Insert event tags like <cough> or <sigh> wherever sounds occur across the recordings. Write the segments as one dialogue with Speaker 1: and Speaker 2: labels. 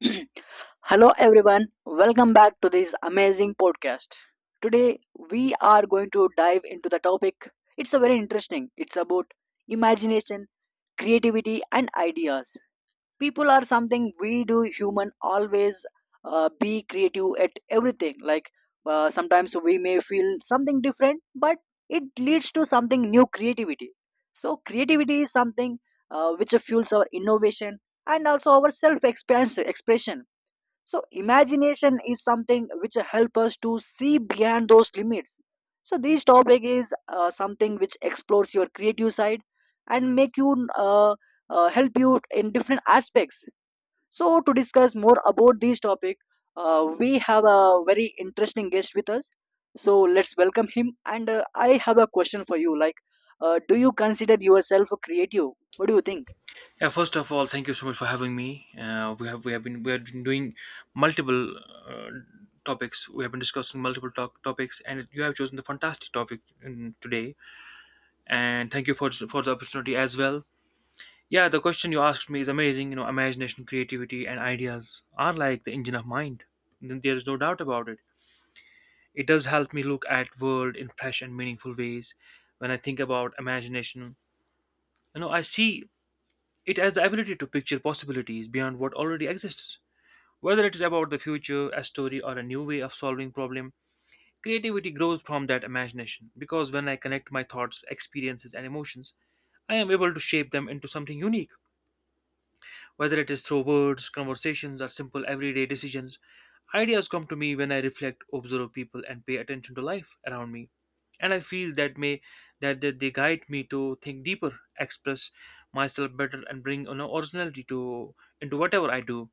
Speaker 1: <clears throat> Hello, everyone. Welcome back to this amazing podcast. Today, we are going to dive into the topic. It's a very interesting. It's about imagination, creativity, and ideas. People are something we do human always be creative at everything. Like sometimes we may feel something different, but it leads to something new creativity. So creativity is something which fuels our innovation and also our self expression, so imagination is something which help us to see beyond those limits. So this topic is something which explores your creative side and make you help you in different aspects. So to discuss more about this topic, we have a very interesting guest with us. So let's welcome him. And I have a question for you. Like, do you consider yourself a creative? What do you think?
Speaker 2: Yeah, first of all, thank you so much for having me. We have been doing multiple uh, topics. We have been discussing multiple talk topics, and you have chosen the fantastic topic today. And thank you for the opportunity as well. Yeah, the question you asked me is amazing. You know, imagination, creativity, and ideas are like the engine of mind. Then There is no doubt about it. It does help me look at world in fresh and meaningful ways. When I think about imagination, you know, I see it as the ability to picture possibilities beyond what already exists. Whether it is about the future, a story, or a new way of solving problem, creativity grows from that imagination because when I connect my thoughts, experiences, and emotions, I am able to shape them into something unique. Whether it is through words, conversations, or simple everyday decisions, ideas come to me when I reflect, observe people, and pay attention to life around me. And I feel that they guide me to think deeper, express myself better, and bring, you know, originality to into whatever I do.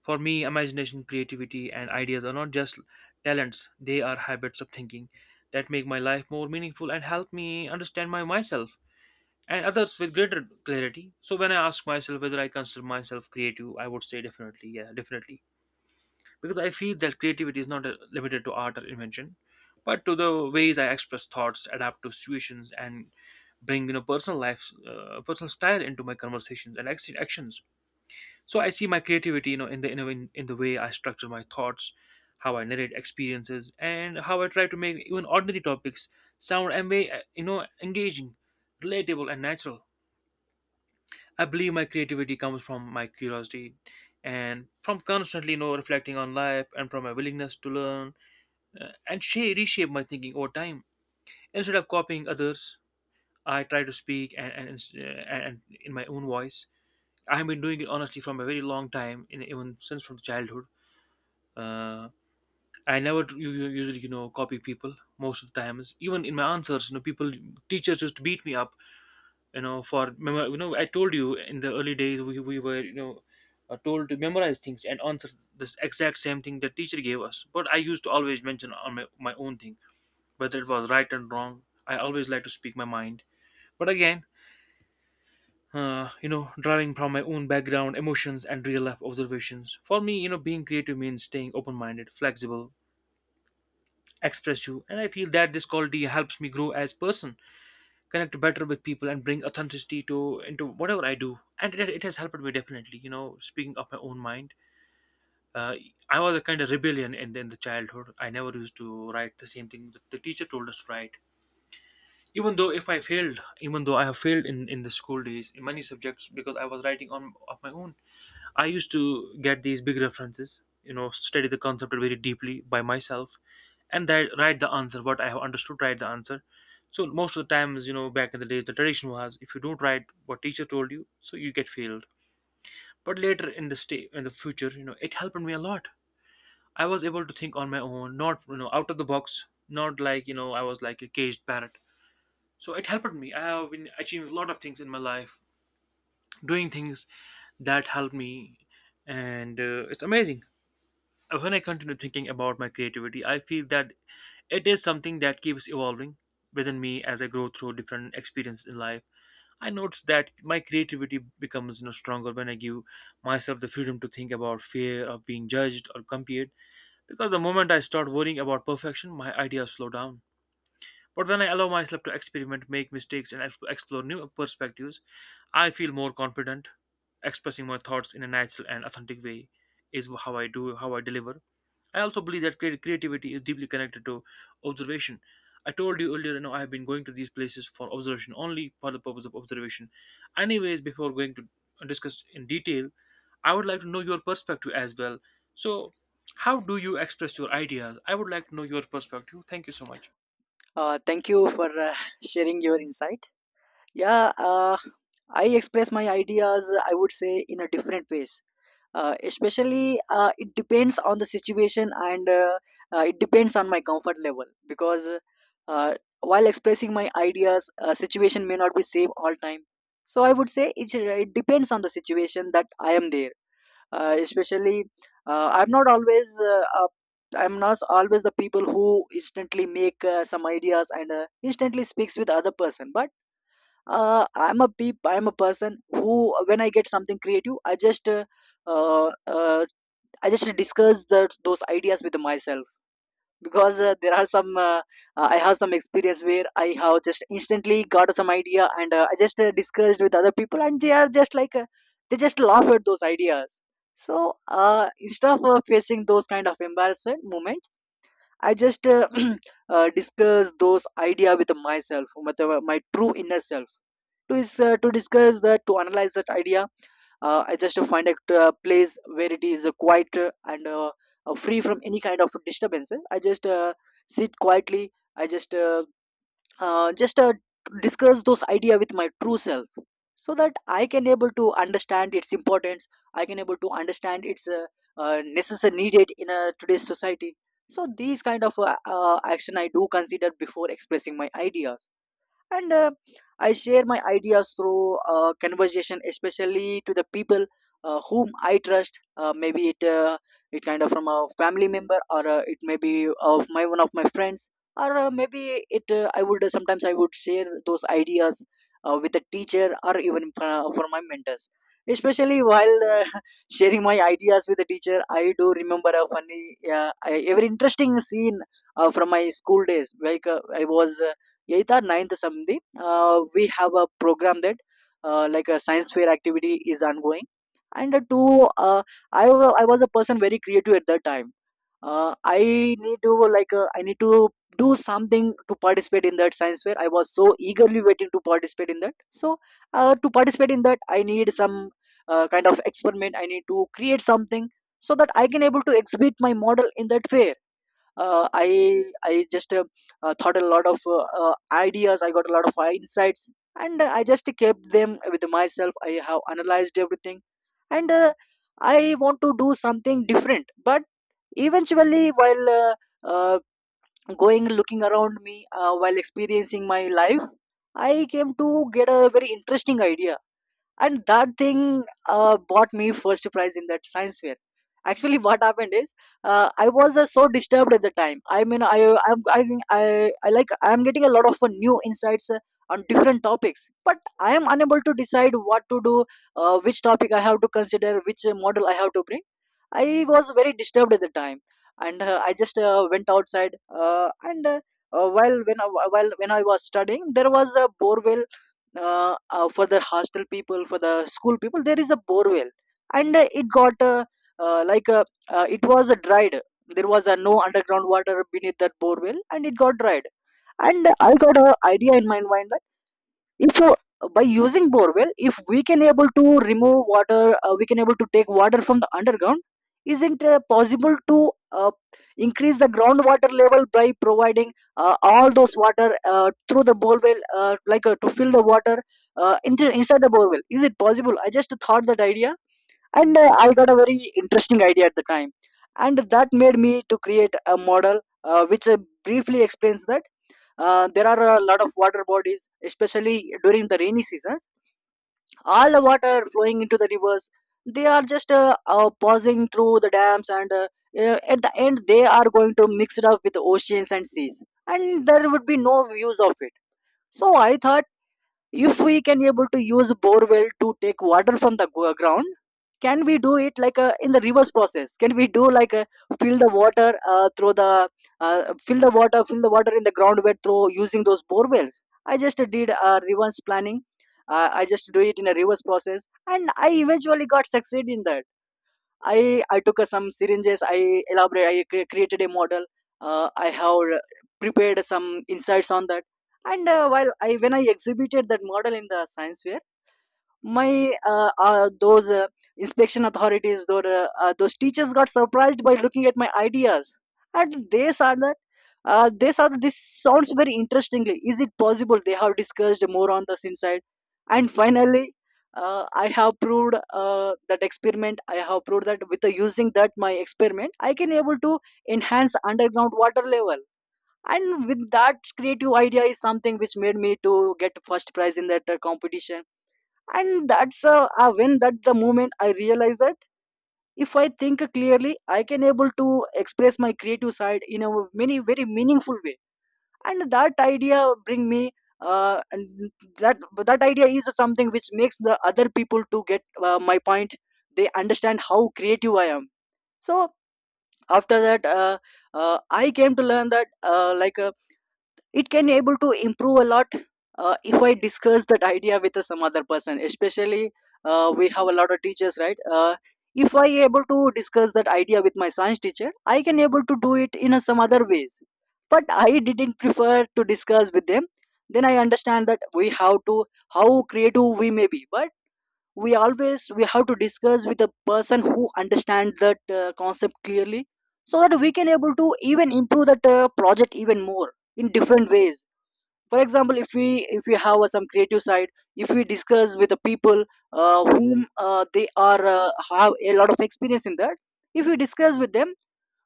Speaker 2: For me, imagination, creativity, and ideas are not just talents, they are habits of thinking that make my life more meaningful and help me understand my myself and others with greater clarity. So when I ask myself whether I consider myself creative, I would say definitely, yeah, definitely. Because I feel that creativity is not limited to art or invention, but to the ways I express thoughts, adapt to situations, and bring, you know, personal life, personal style into my conversations and actions. So I see my creativity, you know, in the way I structure my thoughts, how I narrate experiences, and how I try to make even ordinary topics sound and way, you know, engaging, relatable, and natural. I believe my creativity comes from my curiosity, and from constantly, you know, reflecting on life, and from my willingness to learn and reshape my thinking over time. Instead of copying others, I try to speak and, and in my own voice. I have been doing it honestly from a very long time, even since from childhood. uh, I never usually, you know, copy people most of the times. Even in my answers, you know, people teachers used to beat me up, you know, for you know, I told you in the early days we were, you know, told to memorize things and answer this exact same thing that teacher gave us. But I used to always mention on my own thing whether it was right and wrong. I always like to speak my mind. But again, you know, drawing from my own background, emotions, and real life observations. For me, you know, being creative means staying open minded, flexible, express you, and I feel that this quality helps me grow as person, connect better with people, and bring authenticity to into whatever I do. And it has helped me definitely, you know, speaking of my own mind. uh, I was a kind of rebellion in the childhood. I never used to write the same thing that the teacher told us to write, even though if I failed, even though I have failed in the school days in many subjects because I was writing on of my own. I used to get these big references, you know, study the concept very deeply by myself, and that write the answer. What I have understood, write the answer. So most of the times, you know, back in the days, the tradition was if you don't write what teacher told you, so you get failed. But later in the stay in the future, you know, it helped me a lot. I was able to think on my own, not, you know, out of the box, not like, you know, I was like a caged parrot. So it helped me. I have been achieving a lot of things in my life, doing things that help me, and it's amazing. When I continue thinking about my creativity, I feel that it is something that keeps evolving within me as I grow through different experiences in life. I notice that my creativity becomes, you know, stronger when I give myself the freedom to think about fear of being judged or compared. Because the moment I start worrying about perfection, my ideas slow down. But when I allow myself to experiment, make mistakes, and explore new perspectives, I feel more confident. Expressing my thoughts in a natural and authentic way is how I how I deliver. I also believe that creativity is deeply connected to observation. I told you earlier, you know, I have been going to these places for observation only for the purpose of observation. Anyways, before going to discuss in detail, I would like to know your perspective as well. So, how do you express your ideas? I would like to know your perspective. Thank you so much.
Speaker 1: Thank you for sharing your insight. Yeah, I express my ideas, I would say, in a different ways. Especially, it depends on the situation and it depends on my comfort level because uh, while expressing my ideas, situation may not be same all time. So I would say it depends on the situation that I am there. Especially, I'm not always. I'm not always the people who instantly make some ideas and instantly speaks with other person, but I'm a person who when I get something creative I just uh, uh, I just discuss those ideas with myself because there are some I have some experience where I have just instantly got some idea and I just discussed with other people and they are just like they just laugh at those ideas. So instead of facing those kind of embarrassment moment, I just <clears throat> discuss those idea with myself with my true inner self. To discuss that, to analyze that idea, I just find a place where it is quiet and free from any kind of disturbances. I just sit quietly. I just uh, just uh, discuss those idea with my true self so that I can able to understand its importance. I can able to understand its necessary needed in today's society. So these kind of action I do consider before expressing my ideas. And I share my ideas through conversation, especially to the people whom I trust. Maybe it it kind of from a family member, or it may be of my one of my friends, or maybe it I would sometimes I would share those ideas with a teacher or even for my mentors. Especially while <laughs> sharing my ideas with the teacher, I do remember a funny every interesting scene from my school days. Like I was 8th or 9th something. We have a program that like a science fair activity is ongoing, and to I was a person very creative at that time. I need to like I need to do something to participate in that science fair. I was so eagerly waiting to participate in that. So to participate in that I need some kind of experiment, I need to create something so that I can able to exhibit my model in that fair. Uh, I I just thought a lot of ideas, I got a lot of insights, and I just kept them with myself. I have analyzed everything, and I want to do something different. But eventually, while uh, going looking around me, while experiencing my life, I came to get a very interesting idea, and that thing bought me first prize in that science fair. Actually, <laughs> what happened is I was so disturbed at the time. I mean, I like I'm getting a lot of new insights on different topics, but I am unable to decide what to do, which topic I have to consider, which model I have to bring. I was very disturbed at the time, and I just went outside. And while while when I was studying, there was a borewell for the hostel people, for the school people. There is a borewell, and it got it was dried. There was no underground water beneath that borewell, and it got dried. And I got an idea in my mind. If by using borewell if we can able to remove water, we can able to take water from the underground, isn't possible to increase the groundwater level by providing all those water through the borewell, like to fill the water inside the borewell. Is it possible? I just thought that idea, and I got a very interesting idea at the time, and that made me to create a model which briefly explains that there are a lot of water bodies, especially during the rainy seasons, all the water flowing into the rivers, they are just passing through the dams, and at the end they are going to mix it up with the oceans and seas, and there would be no use of it. So I thought, if we can able to use borewell to take water from the ground, can we do it like a, in the reverse process? Can we do like a, fill the water through the fill the water in the ground where through using those borewells? I just did a reverse planning. I just do it in a reverse process, and I eventually got succeed in that. I took some syringes. I elaborate. I created a model. I have prepared some insights on that. And while I when I exhibited that model in the science fair, my those inspection authorities, those teachers got surprised by looking at my ideas, and they said that this sounds very interestingly, is it possible. They have discussed more on this inside, and finally I have proved that experiment. I have proved that with the using that my experiment I can able to enhance underground water level, and with that creative idea is something which made me to get first prize in that competition. And that's when that the moment I realized that if I think clearly I can able to express my creative side in a many very meaningful way, and that idea bring me and that that idea is something which makes the other people to get my point. They understand how creative I am. So after that, I came to learn that, like it can able to improve a lot if I discuss that idea with some other person. Especially we have a lot of teachers, right? If I able to discuss that idea with my science teacher, I can able to do it in some other ways, but I didn't prefer to discuss with them. Then I understand that we have to, how creative we may be, but we have to discuss with a person who understand that concept clearly, so that we can able to even improve that project even more in different ways. For example, if we have some creative side, if we discuss with the people whom they are have a lot of experience in that, if we discuss with them,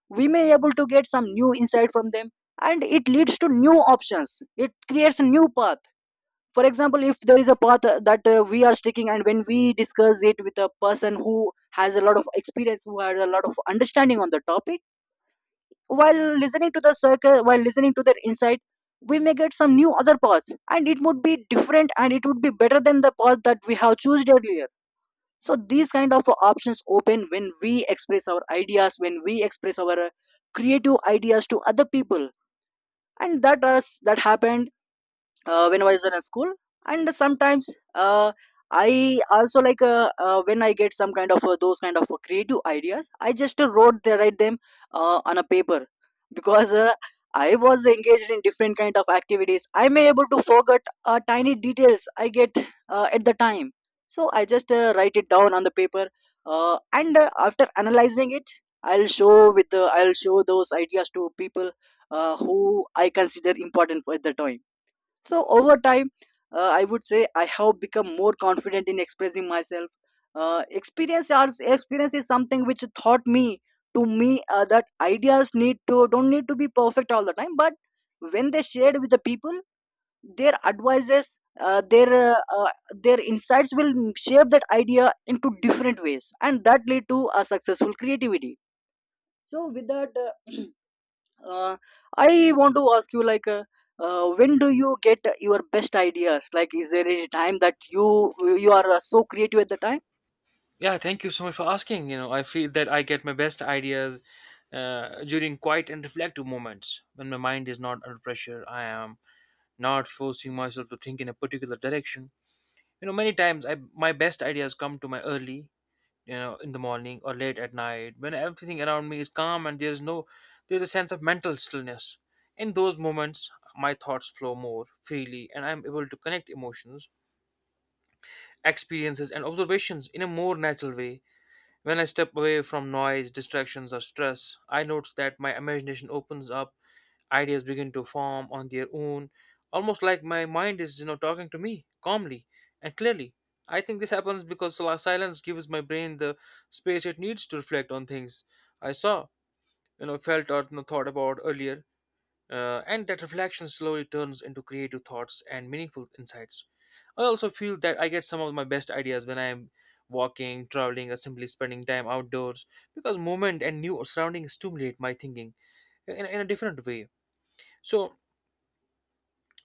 Speaker 1: we may able to get some new insight from them, and it leads to new options, it creates a new path. For example, if there is a path that we are sticking, and when we discuss it with a person who has a lot of experience, who has a lot of understanding on the topic, while listening to the circle, while listening to their insight, we may get some new other paths, and it would be different, and it would be better than the path that we have chosen earlier. So these kind of options open when we express our ideas, when we express our creative ideas to other people. And that us that happened when I was in a school. And sometimes uh, I also like when I get some kind of those kind of creative ideas, I just wrote they Write them on a paper <laughs> because I was engaged in different kind of activities. I may able to forget tiny details I get at the time, so I just write it down on the paper, and after analyzing it, I'll show those ideas to people who I consider important at the time. So over time, I would say I have become more confident in expressing myself. Experience is something which taught me to me that ideas need to don't need to be perfect all the time, but when they shared with the people, their advices, their insights will shape that idea into different ways, and that lead to a successful creativity. So with that, uh, I want to ask you like, when do you get your best ideas? Like, is there any time that you are so creative at the time?
Speaker 2: Yeah, thank you so much for asking. You know, I feel that I get my best ideas during quiet and reflective moments when my mind is not under pressure. I am not forcing myself to think in a particular direction. You know, many times I my best ideas come to my early, you know, in the morning or late at night when everything around me is calm and there is no there is a sense of mental stillness. In those moments, my thoughts flow more freely and I am able to connect emotions, experiences, and observations in a more natural way. When I step away from noise, distractions, or stress, I notice that my imagination opens up, ideas begin to form on their own, almost like my mind is, you know, talking to me calmly and clearly. I think this happens because silence gives my brain the space it needs to reflect on things I saw, you know, felt, or, you know, thought about earlier. And that reflection slowly turns into creative thoughts and meaningful insights. I also feel that I get some of my best ideas when I am walking, traveling, or simply spending time outdoors because movement and new surroundings stimulate my thinking in a different way. So,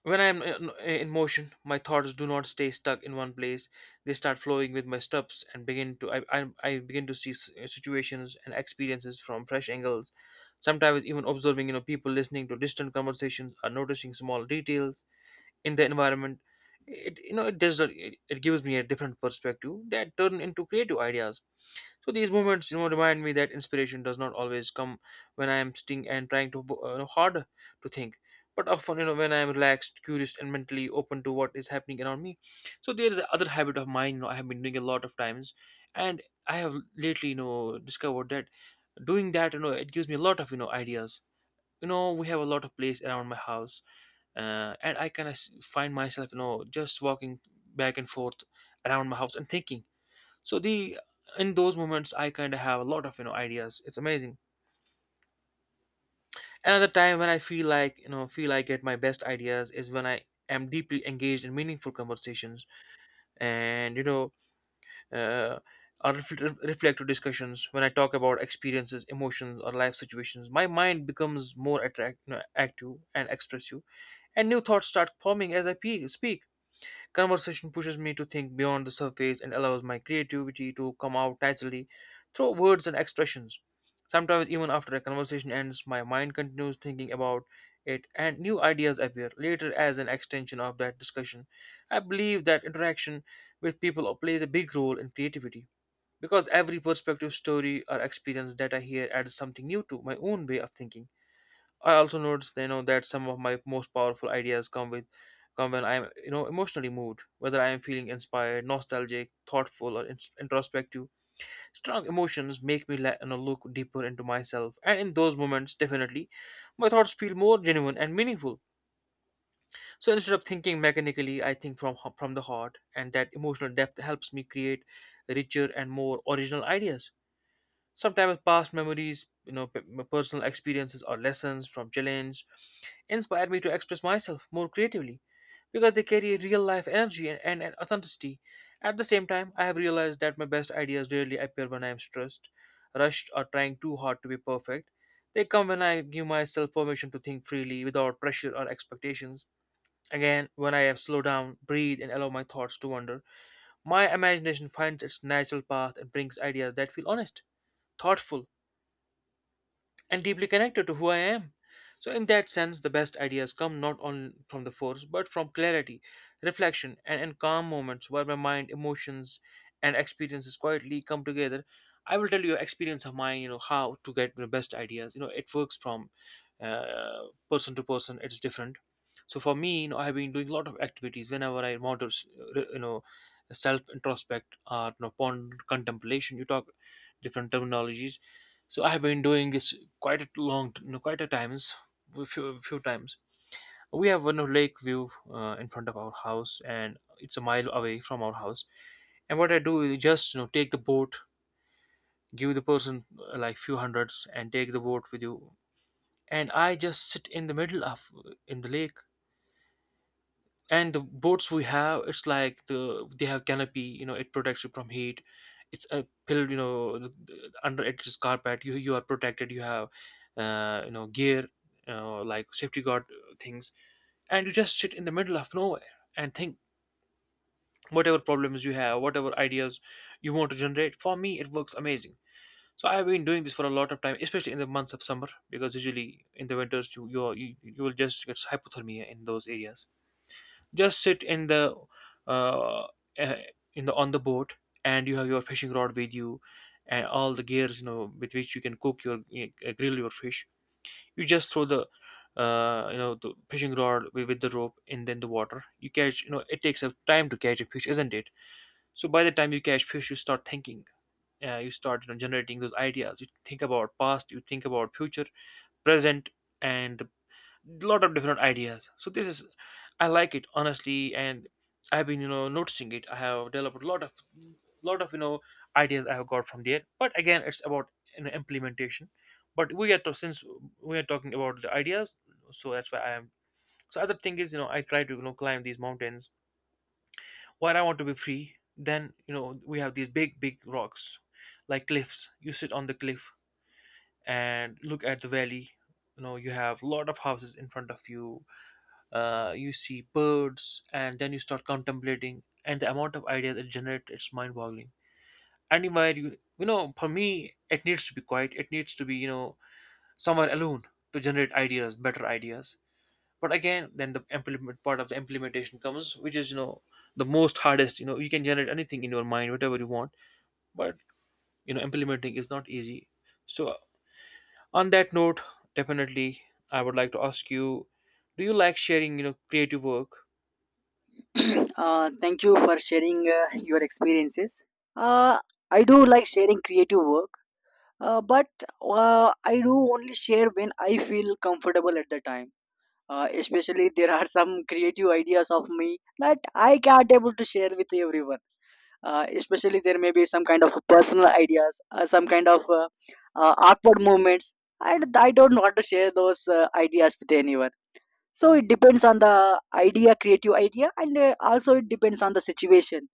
Speaker 2: when I am in motion, my thoughts do not stay stuck in one place. They start flowing with my steps and begin to I begin to see situations and experiences from fresh angles. Sometimes even observing, you know, people listening to distant conversations or noticing small details in the environment. It you know it does it, It gives me a different perspective that turn into creative ideas. So these moments, you know, remind me that inspiration does not always come when I am sitting and trying to you know, hard to think, but often, you know, when I am relaxed, curious, and mentally open to what is happening around me. So there is another habit of mine. You know, I have been doing a lot of times, and I have lately, you know, discovered that doing that, you know, it gives me a lot of, you know, ideas. You know, we have a lot of place around my house, and I kind of find myself, you know, just walking back and forth around my house and thinking. So the in those moments I kind of have a lot of, you know, ideas. It's amazing. Another time when I feel like you know feel I get my best ideas is when I am deeply engaged in meaningful conversations and, you know, uh, or reflective discussions. When I talk about experiences, emotions, or life situations, my mind becomes more attract, you know, active and expressive, and new thoughts start forming as I speak. Conversation pushes me to think beyond the surface and allows my creativity to come out naturally through words and expressions. Sometimes, even after a conversation ends, my mind continues thinking about it, and new ideas appear later as an extension of that discussion. I believe that interaction with people plays a big role in creativity because every perspective, story, or experience that I hear adds something new to my own way of thinking. I also noticed, you know, that some of my most powerful ideas come when I am, you know, emotionally moved. Whether I am feeling inspired, nostalgic, thoughtful, or introspective, strong emotions make me you know, look deeper into myself. And in those moments, definitely, my thoughts feel more genuine and meaningful. So instead of thinking mechanically, I think from from the heart, and that emotional depth helps me create richer and more original ideas. Sometimes past memories, you know, personal experiences or lessons from challenge inspired me to express myself more creatively because they carry real life energy and authenticity. At the same time, I have realized that my best ideas rarely appear when I am stressed, rushed, or trying too hard to be perfect. They come when I give myself permission to think freely without pressure or expectations. Again, when I am slow down, breathe, and allow my thoughts to wander, my imagination finds its natural path and brings ideas that feel honest, thoughtful, and deeply connected to who I am. So, in that sense, the best ideas come not only from the force but from clarity, reflection, and calm moments where my mind, emotions, and experiences quietly come together. I will tell you experience of mine. You know how to get the best ideas. You know it works from person to person. It's different. So for me, you know, I've been doing a lot of activities whenever I want to, you know, self introspect or you know, ponder contemplation. You talk different terminologies, so I have been doing this quite a long, quite a times, a few times. We have one lake view in front of our house, and it's a mile away from our house. And what I do is just you know take the boat, give the person like few hundreds, and take the boat with you. And I just sit in the middle of in the lake, and the boats we have, it's like the they have canopy, you know, it protects you from heat. It's a pill, you know, under it is carpet, you are protected, you have you know gear, like safety guard things, and you just sit in the middle of nowhere and think whatever problems you have, whatever ideas you want to generate. For me it works amazing. So I've been doing this for a lot of time, especially in the months of summer, because usually in the winters you will just get hypothermia in those areas. Just sit in the uh, eh, in the on the boat, and you have your fishing rod with you, and all the gears, you know, with which you can cook your grill your fish. You just throw the you know the fishing rod with the rope and then the water. You catch, you know, it takes a time to catch a fish, isn't it? So by the time you catch fish, you start thinking. You start, you know, generating those ideas. You think about past. You think about future, present, and the lot of different ideas. So this is, I like it honestly, and I've been, you know, noticing it. I have developed a lot of lot of, you know, ideas I have got from there. But again, it's about, you know, implementation. But we are to, since we are talking about the ideas, so that's why I am. So other thing is, you know, I try to, you know, climb these mountains when I want to be free. Then, you know, we have these big big rocks, like cliffs. You sit on the cliff and look at the valley. You know, you have a lot of houses in front of you, you see birds, and then you start contemplating, and the amount of ideas it generates, it's mind-boggling. Anywhere you, you know, for me it needs to be quiet, it needs to be, you know, somewhere alone to generate ideas, better ideas. But again, then the implement part of the implementation comes, which is, you know, the most hardest. You know, you can generate anything in your mind, whatever you want, but you know implementing is not easy. So, on that note, definitely I would like to ask you, do you like sharing, you know, creative work?
Speaker 1: <clears throat> Thank you for sharing your experiences. uh, I do like sharing creative work, but I do only share when I feel comfortable at the time. Especially there are some creative ideas of me that I can't able to share with everyone. Especially there may be some kind of personal ideas, some kind of awkward movements, and I don't want to share those ideas with anyone. So it depends on the idea, creative idea, and also it depends on the situation.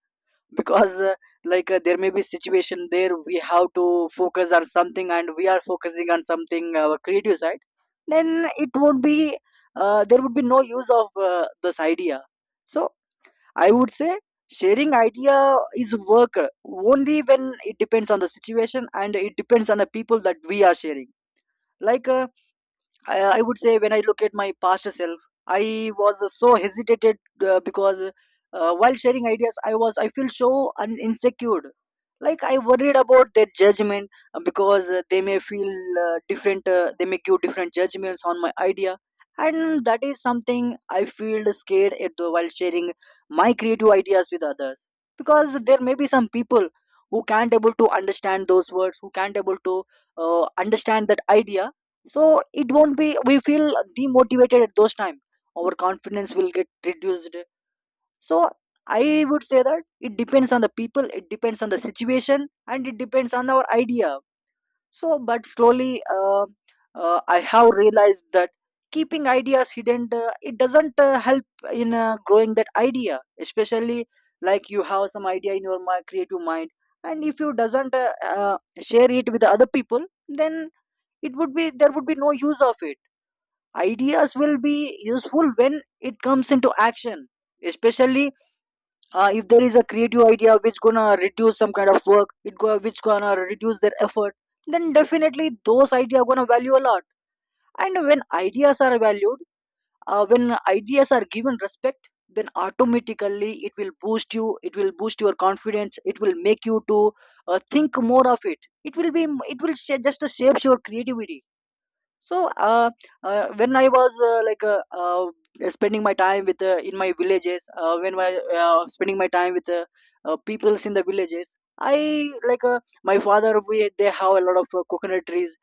Speaker 1: <laughs> Because there may be situation there we have to focus on something, and we are focusing on something our creative side, then it won't be, there would be no use of this idea. So I would say sharing idea is work only when it depends on the situation and it depends on the people that we are sharing. Like uh, I, I would say when I look at my past self, I was so hesitated, because while sharing ideas, I feel so insecure. Like, I worried about their judgment, because they may feel different. They may give different judgments on my idea, and that is something I feel scared at the, while sharing my creative ideas with others, because there may be some people who can't able to understand those words, who can't able to understand that idea. So it won't be, we feel demotivated at those time, our confidence will get reduced. So I would say that it depends on the people, it depends on the situation, and it depends on our idea. So but slowly, I have realized that keeping ideas hidden, it doesn't help in growing that idea, especially, like, you have some idea in your creative mind, and if you doesn't share it with the other people, then it would be, there would be no use of it. Ideas will be useful when it comes into action, especially if there is a creative idea which gonna reduce some kind of work, it go which gonna reduce their effort, then definitely those ideas gonna value a lot. And when ideas are valued, when ideas are given respect, then automatically it will boost you, it will boost your confidence, it will make you to think more of it, it will be, it will just shapes your creativity. So when I was like spending my time with in my villages, when I spending my time with peoples in the villages, i, like, my father, we they have a lot of coconut trees,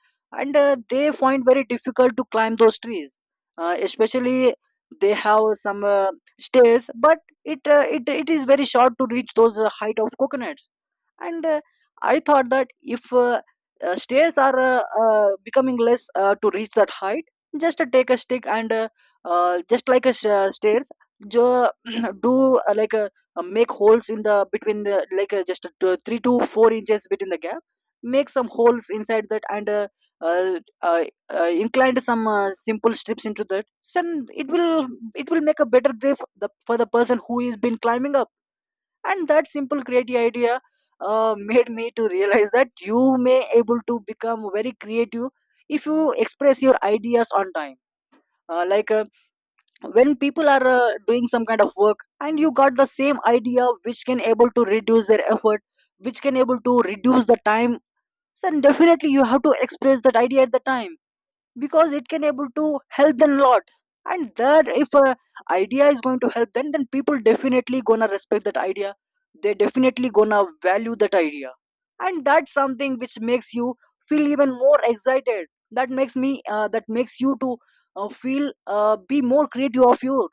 Speaker 1: and they find very difficult to climb those trees, especially they have some stairs, but it is very short to reach those height of coconuts. And I thought that if stairs are becoming less to reach that height, just take a stick and, just like stairs, jo- <clears throat> do, like, make holes in the between the, like, just 3 to 4 inches between the gap, make some holes inside that, and uh, uh, inclined some simple strips into that. Then it will, it will make a better grip, the, for the person who is been climbing up. And that simple creative idea, made me to realize that you may able to become very creative if you express your ideas on time, like, when people are doing some kind of work and you got the same idea which can able to reduce their effort, which can able to reduce the time, then definitely you have to express that idea at the time because it can able to help them a lot. And that if a idea is going to help them, then people definitely gonna respect that idea, they definitely gonna value that idea, and that's something which makes you feel even more excited, that makes you to feel be more creative of you.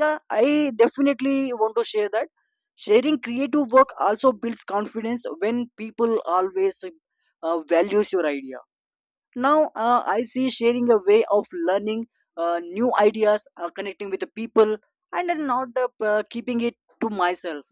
Speaker 1: Yeah, I definitely want to share that. Sharing creative work also builds confidence when people always values your idea. Now, I see sharing a way of learning new ideas, connecting with the people, and then not keeping it to myself.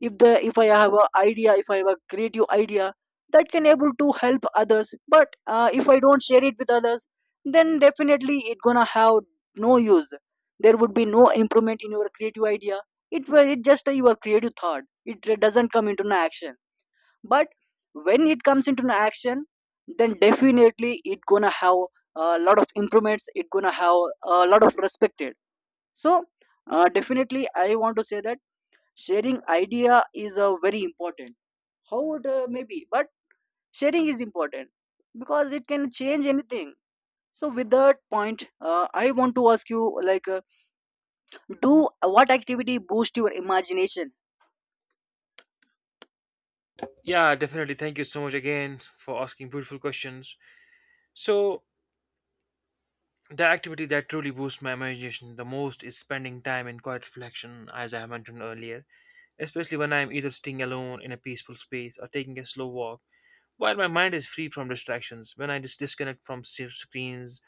Speaker 1: If I have a idea, if I have a creative idea, that can able to help others. But if I don't share it with others, then definitely it gonna have no use. There would be no improvement in your creative idea. It will, it just your creative thought, it doesn't come into an action. But when it comes into an action, then definitely it gonna have a lot of improvements, it gonna have a lot of respected. So definitely I want to say that sharing idea is a very important, how would maybe, but sharing is important because it can change anything. So with that point, I want to ask you like, do, what activity boost your imagination?
Speaker 2: Yeah, definitely. Thank you so much again for asking beautiful questions. So, the activity that truly boosts my imagination the most is spending time in quiet reflection, as I have mentioned earlier, especially when I am either staying alone in a peaceful space or taking a slow walk. While my mind is free from distractions, when I just disconnect from screens,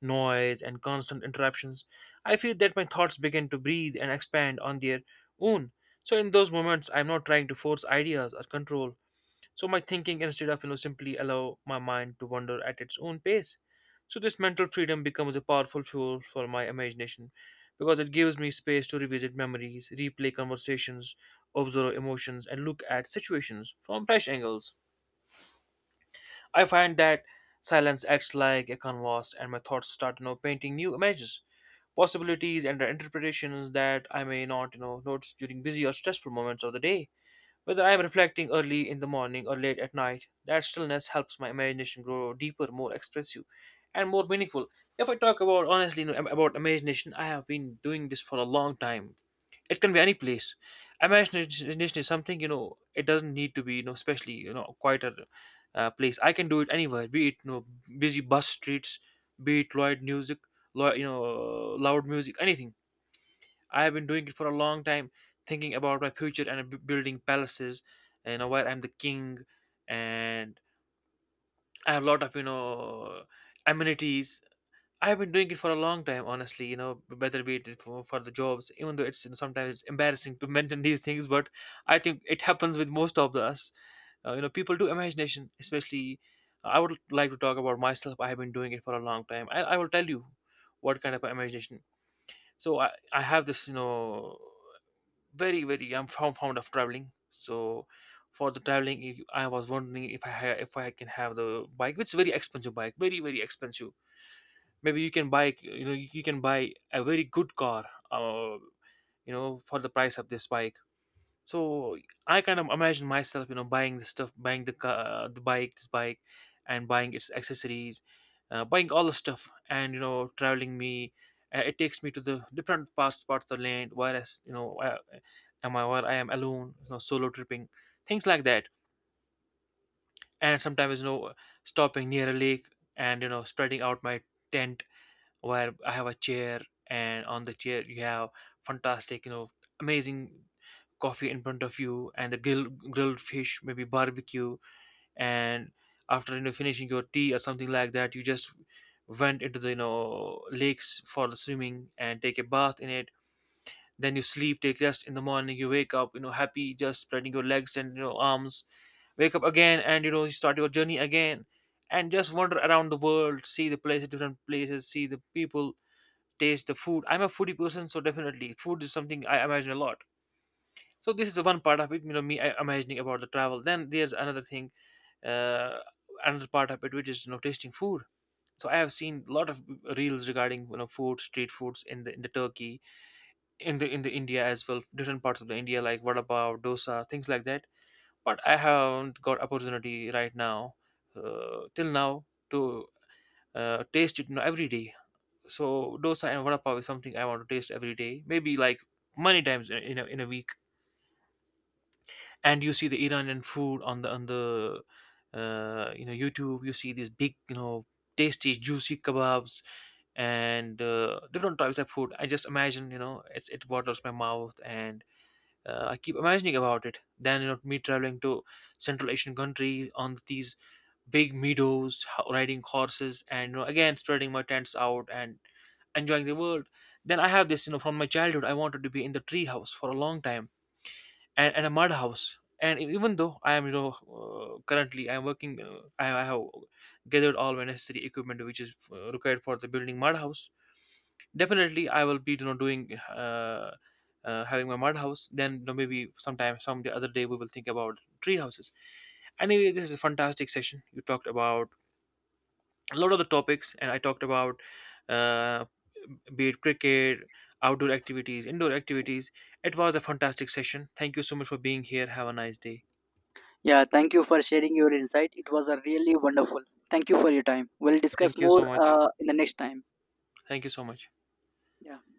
Speaker 2: noise, and constant interruptions, I feel that my thoughts begin to breathe and expand on their own. So, in those moments, I'm not trying to force ideas or control. So my thinking, instead of, you know, simply allow my mind to wander at its own pace, so this mental freedom becomes a powerful fuel for my imagination, because it gives me space to revisit memories, replay conversations, observe emotions, and look at situations from fresh angles. I find that silence acts like a canvas, and my thoughts start, you know, painting new images, possibilities, and interpretations that I may not, you know, notice during busy or stressful moments of the day. Whether I am reflecting early in the morning or late at night, that stillness helps my imagination grow deeper, more expressive, and more meaningful. If I talk about honestly, you know, about imagination, I have been doing this for a long time. It can be any place. Imagination is something, you know. It doesn't need to be, you know, especially, you know, quieter place. I can do it anywhere. Be it, you know, busy bus streets, be it loud music, you know, loud music, anything. I have been doing it for a long time, thinking about my future and building palaces. You know, where I'm the king, and I have a lot of, you know, amenities. I have been doing it for a long time, honestly. You know, whether be it for the jobs, even though it's, you know, sometimes it's embarrassing to <laughs> mention these things, but I think it happens with most of us. You know, people do imagination, especially. I would like to talk about myself. I have been doing it for a long time. I will tell you what kind of imagination. So I have this, you know, very I'm fond of traveling. So for the traveling, I was wondering if if I can have the bike, which is very expensive bike, very very expensive. Maybe you can buy, you know, you can buy a very good car, uh, you know, for the price of this bike. So I kind of imagine myself, you know, buying the stuff, buying the car, the bike, this bike, and buying its accessories, buying all the stuff, and you know traveling me. It takes me to the different parts of the land, whereas you know I, where I am alone, you know, solo tripping, things like that. And sometimes, you know, stopping near a lake, and you know spreading out my tent, where I have a chair, and on the chair you have fantastic, you know, amazing coffee in front of you, and the grilled fish, maybe barbecue. And after, you know, finishing your tea or something like that, you just went into the, you know, lakes for the swimming and take a bath in it. Then you sleep, take rest. In the morning, you wake up, you know, happy, just spreading your legs and, you know, arms. Wake up again and, you know, you start your journey again, and just wander around the world, see the places, different places, see the people, taste the food. I'm a foodie person, so definitely food is something I imagine a lot. So this is the one part of it, you know, me imagining about the travel. Then there's another thing, uh, another part of it, which is, you know, tasting food. So I have seen a lot of reels regarding, you know, food, street foods in the turkey, in the india as well, different parts of the india, like vada pav, dosa, things like that. But I haven't got opportunity right now, till now, to taste it, you know, every day. So dosa and vada pav is something I want to taste every day, maybe like many times in a week. And you see the Iranian food on the you know YouTube. You see these big, you know, tasty juicy kebabs, and different types of food. I just imagine, you know, it waters my mouth. And I keep imagining about it. Then you know me traveling to Central Asian countries on these big meadows, riding horses, and you know, again spreading my tents out and enjoying the world. Then I have this, you know, from my childhood, I wanted to be in the tree house for a long time, and a mud house. And even though I am, you know, currently I am working, uh, I have gathered all my necessary equipment which is required for the building mud house. Definitely, I will be, you know, doing. Having my mud house, then you know, maybe sometime, some the other day, we will think about tree houses. Anyway, this is a fantastic session. You talked about a lot of the topics, and I talked about, uh, be it cricket, outdoor activities, indoor activities. It was a fantastic session. Thank you so much for being here. Have a nice day.
Speaker 1: Yeah, thank you for sharing your insight. It was a really wonderful. Thank you for your time. We'll discuss
Speaker 2: Thank you so
Speaker 1: more
Speaker 2: much.
Speaker 1: in the next time.
Speaker 2: Thank you so much.
Speaker 1: Yeah.